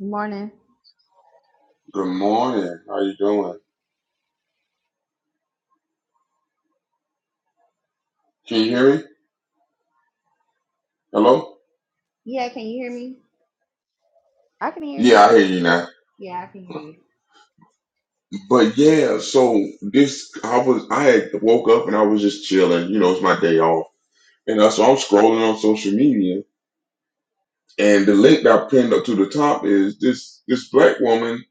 Morning. Good morning. How you doing? Can you hear me? Hello? Yeah, can you hear me? I can hear Yeah, you. I hear you now. Yeah, I can hear you. But yeah, so this I was I had woke up and I was just chilling. You know, it's my day off, and uh, so I'm scrolling on social media, and the link that I pinned up to the top is this this black woman.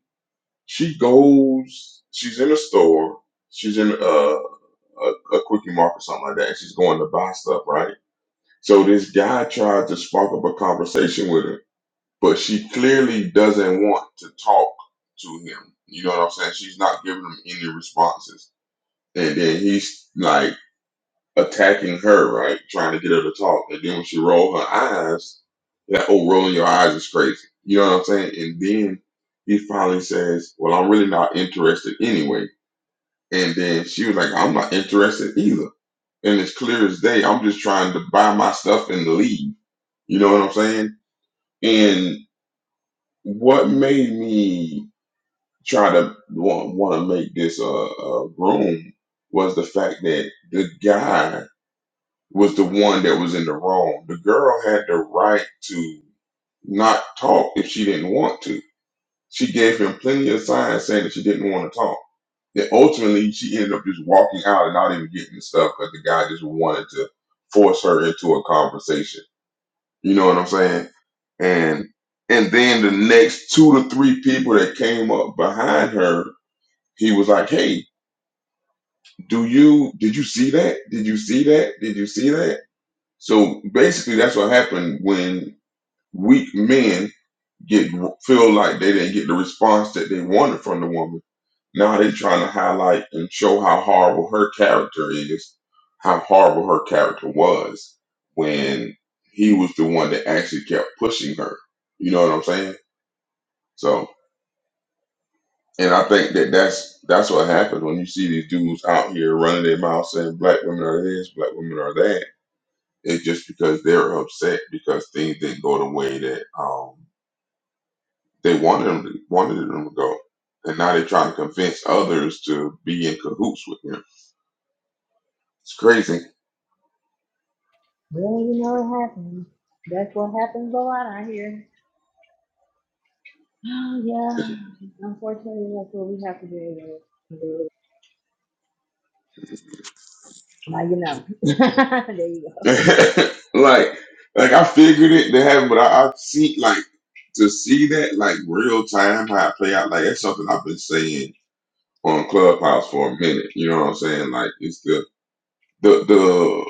She goes, she's in a store, she's in uh, a a quickie market or something like that, and she's going to buy stuff, right? So this guy tried to spark up a conversation with her but she clearly doesn't want to talk to him. You know what I'm saying? She's not giving him any responses. And then he's like attacking her, right? Trying to get her to talk. And then when she roll her eyes, that oh rolling your eyes is crazy. You know what I'm saying? And then he finally says, Well, I'm really not interested anyway. And then she was like, I'm not interested either. And it's clear as day, I'm just trying to buy my stuff and leave. You know what I'm saying? And what made me Try to want, want to make this uh, uh room was the fact that the guy was the one that was in the wrong. The girl had the right to not talk if she didn't want to. She gave him plenty of signs saying that she didn't want to talk. Then ultimately, she ended up just walking out and not even getting the stuff because the guy just wanted to force her into a conversation. You know what I'm saying? And and then the next two to three people that came up behind her, he was like, "Hey, do you did you see that did you see that did you see that so basically that's what happened when weak men get feel like they didn't get the response that they wanted from the woman now they're trying to highlight and show how horrible her character is how horrible her character was when he was the one that actually kept pushing her you know what i'm saying so and i think that that's that's what happens when you see these dudes out here running their mouth saying black women are this black women are that It's just because they're upset because things didn't go the way that um, they wanted them to, wanted them to go, and now they're trying to convince others to be in cahoots with him. It's crazy. Well, you know it happens. That's what happens a lot out here. Oh It's- yeah. Unfortunately, that's what we have to do. Now you know. there you go. like, like I figured it to happen, but I, I've seen like to see that like real time how it play out. Like that's something I've been saying on Clubhouse for a minute. You know what I'm saying? Like it's the the the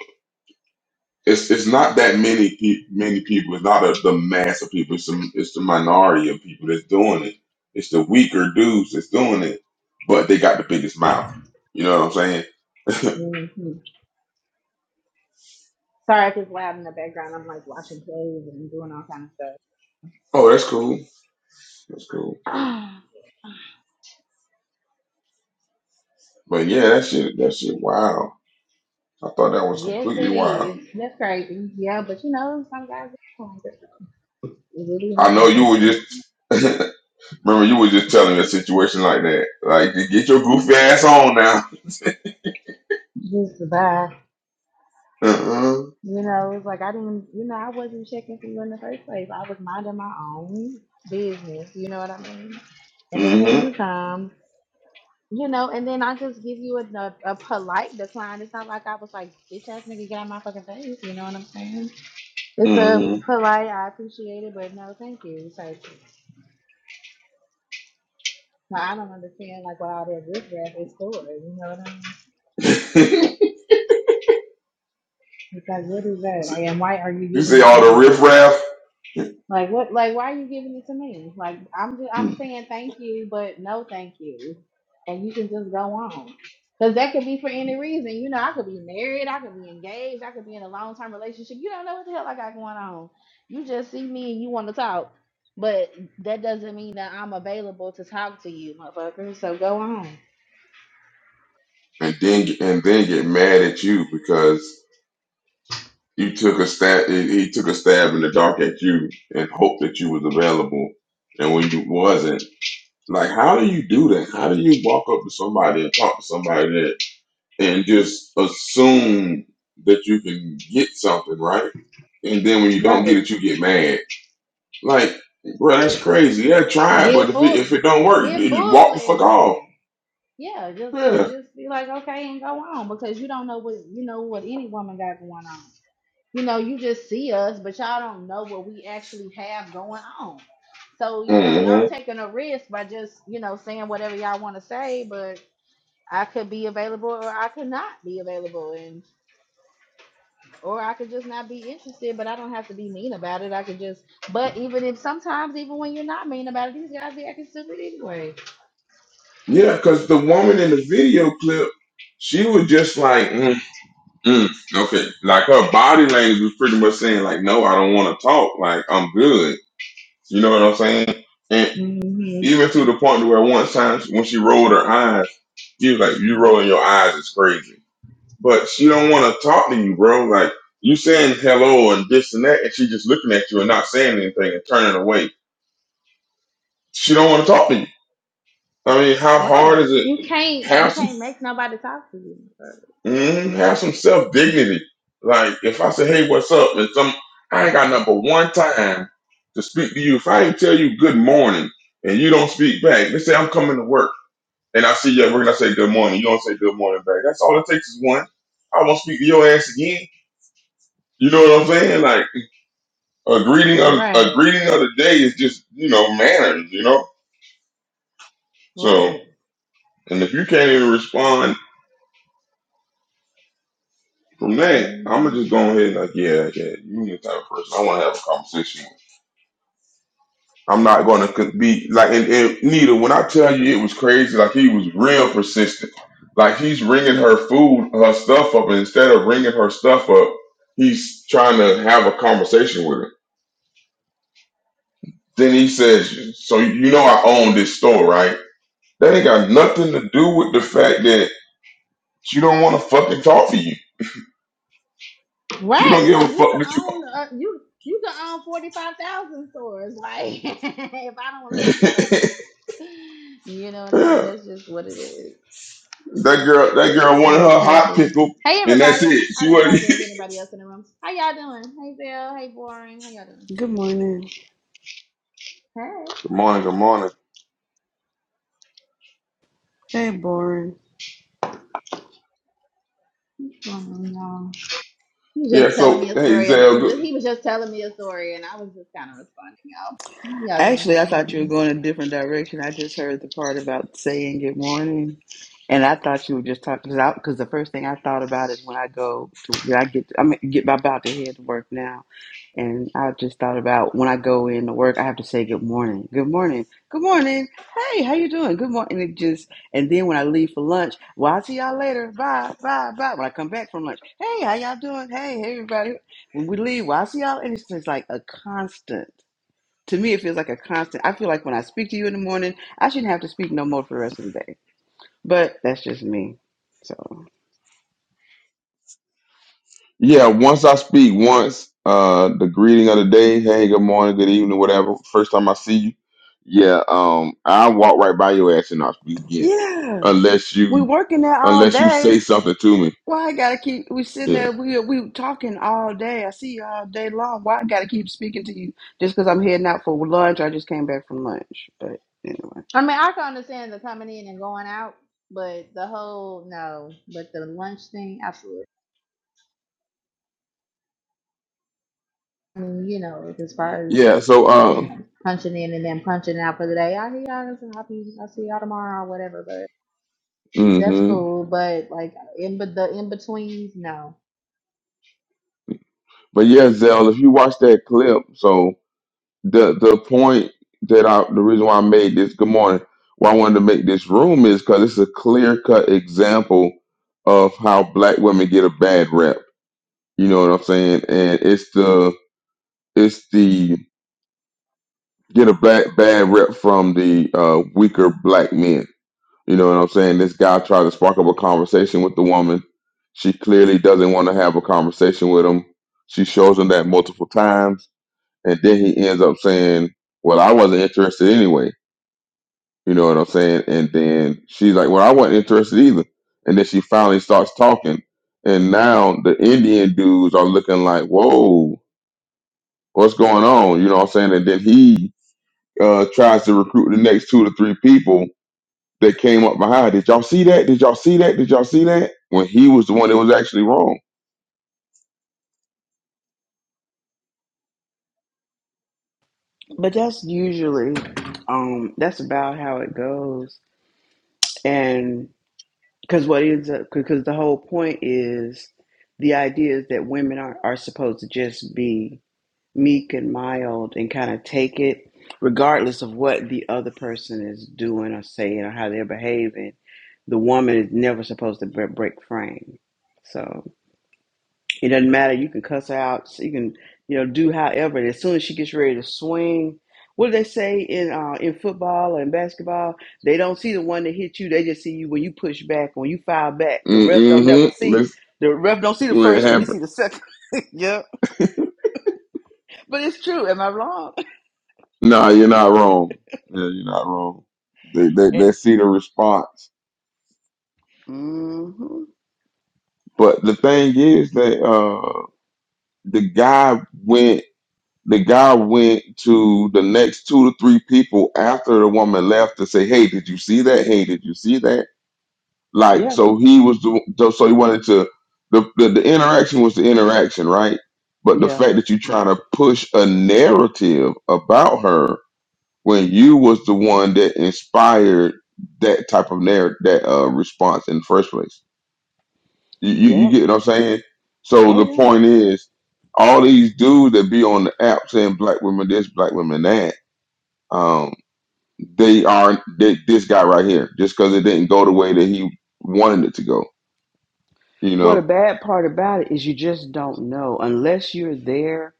it's it's not that many pe- many people. It's not a, the mass of people. It's the, it's the minority of people that's doing it. It's the weaker dudes that's doing it, but they got the biggest mouth. You know what I'm saying? hmm Sorry if it's loud in the background. I'm like washing clothes and doing all kind of stuff. Oh, that's cool. That's cool. But yeah, that shit, that shit, wow. I thought that was yes, it completely wild. is. That's crazy. Yeah, but you know, some guys are like that. It really I know happens you like were that. just remember you were just telling me a situation like that. Like, get your goofy ass on now. Just survive. Uh-uh. You know, it's like I didn't, you know, I wasn't checking for you in the first place. I was minding my own business. You know what I mean? And then here Mm-hmm. you come, you know, and then I just give you a, a, a polite decline. It's not like I was like, bitch ass nigga, get out my fucking face. You know what I'm saying? It's a Mm-hmm. polite, I appreciate it, but no, thank you. Type shit. Now, I don't understand like what all that riff raff is for. You know what I mean? It's like, what is that? Like, and why are you you see giving it all the to me? riffraff? Like what? Like why are you giving it to me? Like I'm just, I'm saying thank you, but no thank you, and you can just go on. Cause that could be for any reason. You know, I could be married, I could be engaged, I could be in a long term relationship. You don't know what the hell I got going on. You just see me and you want to talk, but that doesn't mean that I'm available to talk to you, motherfucker. So go on. and then and then get mad at you because you took a stab. He he took a stab in the dark at you and hoped that you was available, and when you wasn't, like how do you do that? How do you walk up to somebody and talk to somebody that and just assume that you can get something right, and then when you don't get Right. it, you get mad. Like, bro, that's crazy. Yeah, try it, Get but if it, if full, it don't work, you get just full walk the fuck fledged, off. man. Yeah, just Yeah. just be like okay and go on because you don't know what you know what any woman got going on. You know, you just see us, but y'all don't know what we actually have going on. So you know, Mm-hmm. y'all taking a risk by just you know saying whatever y'all want to say, but I could be available or I could not be available, and or I could just not be interested. But I don't have to be mean about it. I could just, but even if sometimes even when you're not mean about it, these guys be acting stupid anyway. Yeah, because the woman in the video clip, she was just like, mm, mm, okay. Like her body language was pretty much saying, like, no, I don't want to talk. Like, I'm good. You know what I'm saying? And even to the point where one time when she rolled her eyes, he was like, you rolling your eyes is crazy. But she don't want to talk to you, bro. Like, you saying hello and this and that, and she just looking at you and not saying anything and turning away. She don't want to talk to you. I mean, how hard Right. is it? You can't Have you some can't make nobody talk to you. Mm, have some self dignity. Like if I say, "Hey, what's up?" and some, I ain't got number one time to speak to you. If I ain't tell you good morning and you don't speak back, let's say I'm coming to work and I see you at work and I say good morning, you don't say good morning back. That's all it takes is one. I won't speak to your ass again. You know what I'm saying? Like a greeting of a Right. greeting of the day is just you know manners. You know. So Right. and if you can't even respond from that, I'm hmm gonna just go ahead and like, yeah, yeah, you the type of person I want to have a conversation with. I'm not going to be like, and, and Nita, when I tell you it was crazy, like he was real persistent. Like he's ringing her food, her stuff up, and instead of ringing her stuff up, he's trying to have a conversation with her. Then he says, So you know I own this store, right? That ain't got nothing to do with the fact that she don't want to fucking talk to you. She don't Right. give a Like you fuck could that own uh, you you could own forty five thousand stores. Like if I don't you. want to talk to you, I don't want to talk to you. You know what I mean? yeah. That's just what it is. That girl, that girl wanted That's her hot crazy. pickle, Hey and that's everybody. it. I She didn't realize wasn't. there was anybody else in the room. How y'all doing? Hey Bill. Hey Boring. How y'all doing? Good morning. Hey. good morning, good morning. Hey, boring. What's going on, y'all? He was Yeah, just telling me so a hey, story about he Zell. just he was just telling me a story and I was just kind of responding y'all. How y'all doing Actually, I this thought you were morning? going a different direction. I just heard the part about saying good morning, and I thought you were just talking because because the first thing I thought about is when I go to when I get I'm get I'm about to head to work now, and I just thought about when I go in to work I have to say good morning, good morning, good morning. Hey, how you doing? Good morning. And it just and then when I leave for lunch, well, I'll see y'all later. Bye, bye, bye. When I come back from lunch, hey, how y'all doing? Hey, hey, everybody. When we leave, well, I'll see y'all. And it's just like a constant to me, it feels like a constant. I feel like when I speak to you in the morning, I shouldn't have to speak no more for the rest of the day. But that's just me. So Yeah, once I speak once, uh the greeting of the day, hey, good morning, good evening, whatever. First time I see you. Yeah, um, I walk right by your ass and i speak again. yeah, Unless we you working there all unless you day. say something to me. Why I gotta keep? We sitting Yeah. there. We we talking all day. I see you all day long. Why I gotta keep speaking to you just because I'm heading out for lunch? I just came back from lunch, but anyway. I mean I can understand the coming in and going out, but the whole no, but the lunch thing, absolutely. I mean, you know, as far as Yeah, so you uh know, punching in and then punching out for the day. I hear y'all. Listen, I'll be. I'll see y'all tomorrow or whatever. But that's hmm cool. But like in but the in betweens, no. but yeah, Zell, if you watch that clip, so the the point that I the reason why I made this good morning, why I wanted to make this room is because it's a clear cut example of how black women get a bad rep You know what I'm saying? And it's the it's the get a black bad rep from the uh, weaker black men. You know what I'm saying? This guy tried to spark up a conversation with the woman. She clearly doesn't want to have a conversation with him. She shows him that multiple times, and then he ends up saying, "Well, I wasn't interested anyway." You know what I'm saying? And then she's like, "Well, I wasn't interested either." And then she finally starts talking, and now the Indian dudes are looking like, "Whoa." what's going on? You know what I'm saying? And then he uh, tries to recruit the next two to three people that came up behind. Did y'all see that? Did y'all see that? Did y'all see that? When he was the one that was actually wrong. But that's usually, um, that's about how it goes. and. Because what ends up, because the whole point is the idea is that women are, are supposed to just be meek and mild and kind of take it, regardless of what the other person is doing or saying or how they're behaving. The woman is never supposed to bre- break frame. So. It doesn't matter. You can cuss her out. So You can, you know, do however. And as soon as she gets ready to swing, what do they say in uh, in football and basketball? They don't see the one that hit you. They just see you when you push back, when you fire back. The ref don't never Mm-hmm. see. That's The ref don't see the when it first one. He happened. see the second. yeah, but it's true. Am I wrong? Nah, you're not wrong. Yeah, you're not wrong. They, they, they And see the response. hmm But the thing is that uh, the guy went the guy went to the next two to three people after the woman left to say, Hey, did you see that? Hey, did you see that? Like yeah, so, he was the so he wanted to the, the the interaction was the interaction, right? But the yeah, fact that you trying to push a narrative about her when you was the one that inspired that type of narrative that uh, response in the first place. You, you you yeah. get what I'm saying? So Oh the yeah. point is, all these dudes that be on the app saying black women this, black women that, um, they are they, this guy right here just because it didn't go the way that he wanted it to go. You What know. a bad part about it is you just don't know unless you're there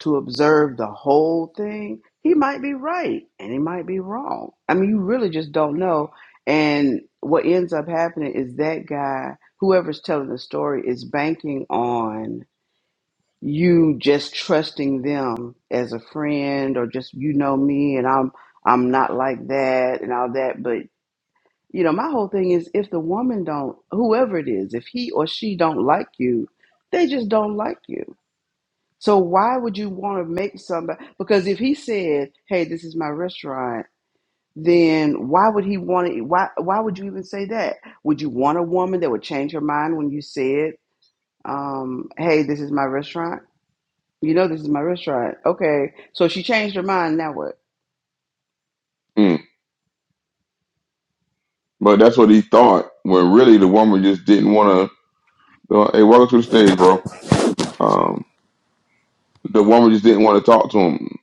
to observe the whole thing, he might be right and he might be wrong. I mean, you really just don't know. And what ends up happening is that guy, whoever's telling the story, is banking on you just trusting them as a friend or just you know me and I'm I'm not like that and all that but you know my whole thing is if the woman don't whoever it is if he or she don't like you they just don't like you so why would you want to make somebody? Because if he said, "Hey, this is my restaurant," then why would he want to? Why Why would you even say that? Would you want a woman that would change her mind when you said, um, "Hey, this is my restaurant"? You know, this is my restaurant. Okay, so she changed her mind. Now what? Mm. But that's what he thought. When really the woman just didn't want to. Uh, hey, welcome to the stage, bro. Um, the woman just didn't want to talk to him.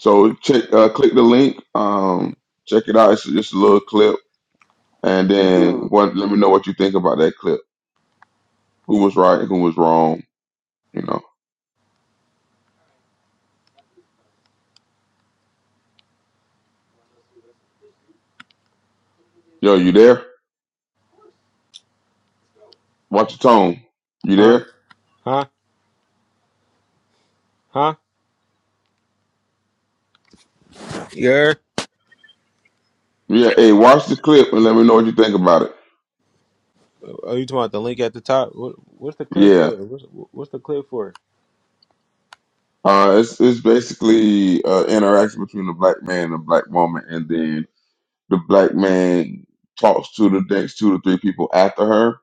So check, uh, click the link. Um, check it out. It's just a little clip, and then Mm. what? Let me know what you think about that clip. Who was right? Who was wrong? You know. Yo, you there? Watch your tone. You Huh? there? Huh? Huh? Yeah. Yeah. Hey, watch the clip and let me know what you think about it. Are you talking about the link at the top? What, what's the clip Yeah. for? What's, what's the clip for? Uh, it's it's basically uh, interaction between a black man and a black woman, and then the black man talks to the next two to three people after her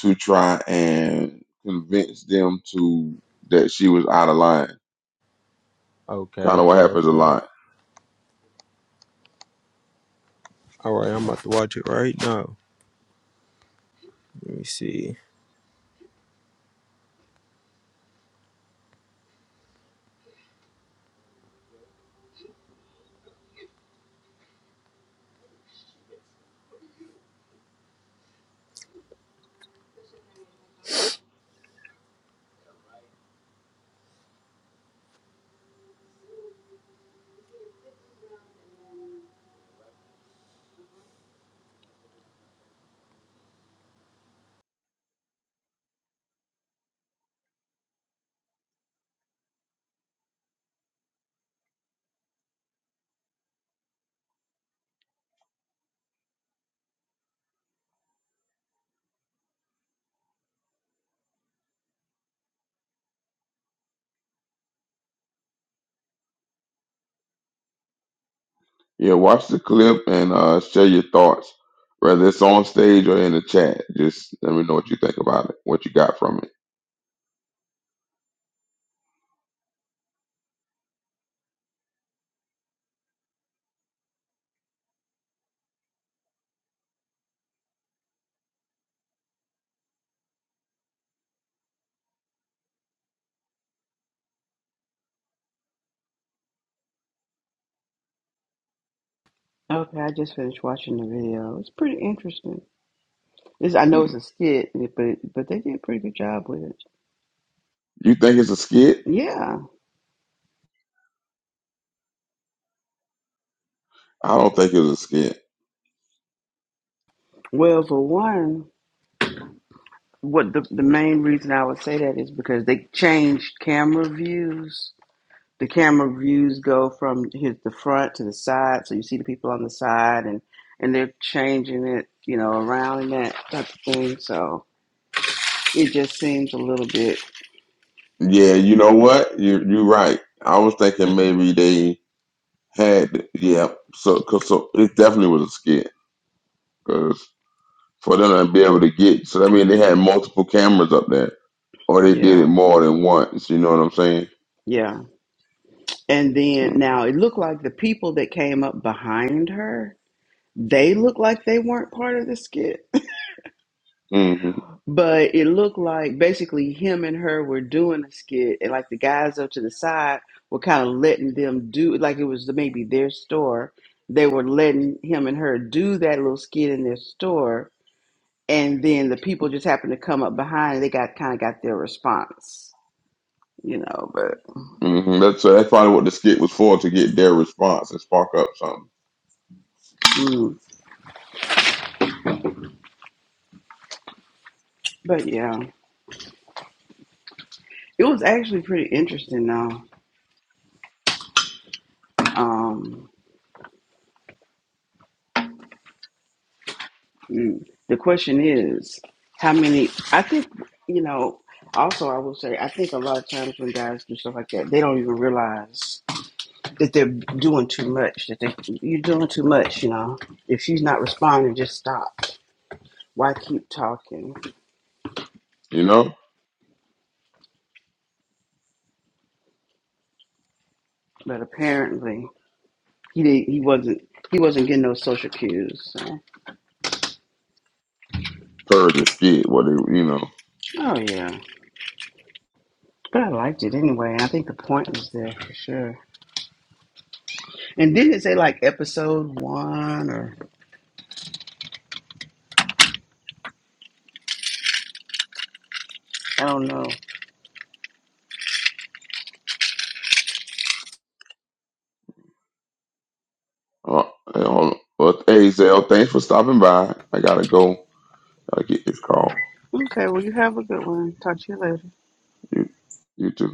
to try and convince them to that she was out of line. Okay, Kind of okay, what happens a okay. lot. All right, I'm about to watch it right now. Let me see. Yeah, watch the clip and uh, share your thoughts, whether it's on stage or in the chat. Just let me know what you think about it, what you got from it. Okay, I just finished watching the video. It's pretty interesting. This I know Mm. it's a skit, but but they did a pretty good job with it. You think it's a skit? Yeah. I don't think it's a skit. Well, for one. what the, the main reason I would say that is because they changed camera views. The camera views go from his the front to the side, so you see the people on the side, and and they're changing it, you know, around and that type of thing. So it just seems a little bit, Yeah, you know what? You you're right. I was thinking maybe they had yeah. So 'cause so it definitely was a skit. because. for them to be able to get. So that means they had multiple cameras up there, or they did yeah, it more than once. You know what I'm saying? yeah. And then now it looked like the people that came up behind her, they looked like they weren't part of the skit hmm But it looked like basically him and her were doing a skit, and like the guys up to the side were kind of letting them do like it was maybe their store. They were letting him and her do that little skit in their store, and then the people just happened to come up behind. And they got kind of got their response, you know. But hmm That's so that's probably what the skit was for to get their response and spark up something. mm, but yeah, it was actually pretty interesting though. Um, Mm. The question is, how many? I think, you know, also I will say, I think a lot of times when guys do stuff like that, they don't even realize that they're doing too much, that they, you're doing too much, you know. If she's not responding, just stop. Why keep talking? You know, But apparently, he did, he wasn't. He wasn't getting those social cues. So. per the skit, what they, you know. Oh yeah, but I liked it anyway. and I think the point was there for sure. And didn't it say like episode one or I don't know? Uh, you know, but hey, Zell, thanks for stopping by. I gotta go. Gotta get this call. Okay, well, you have a good one. Talk to you later. You, you too.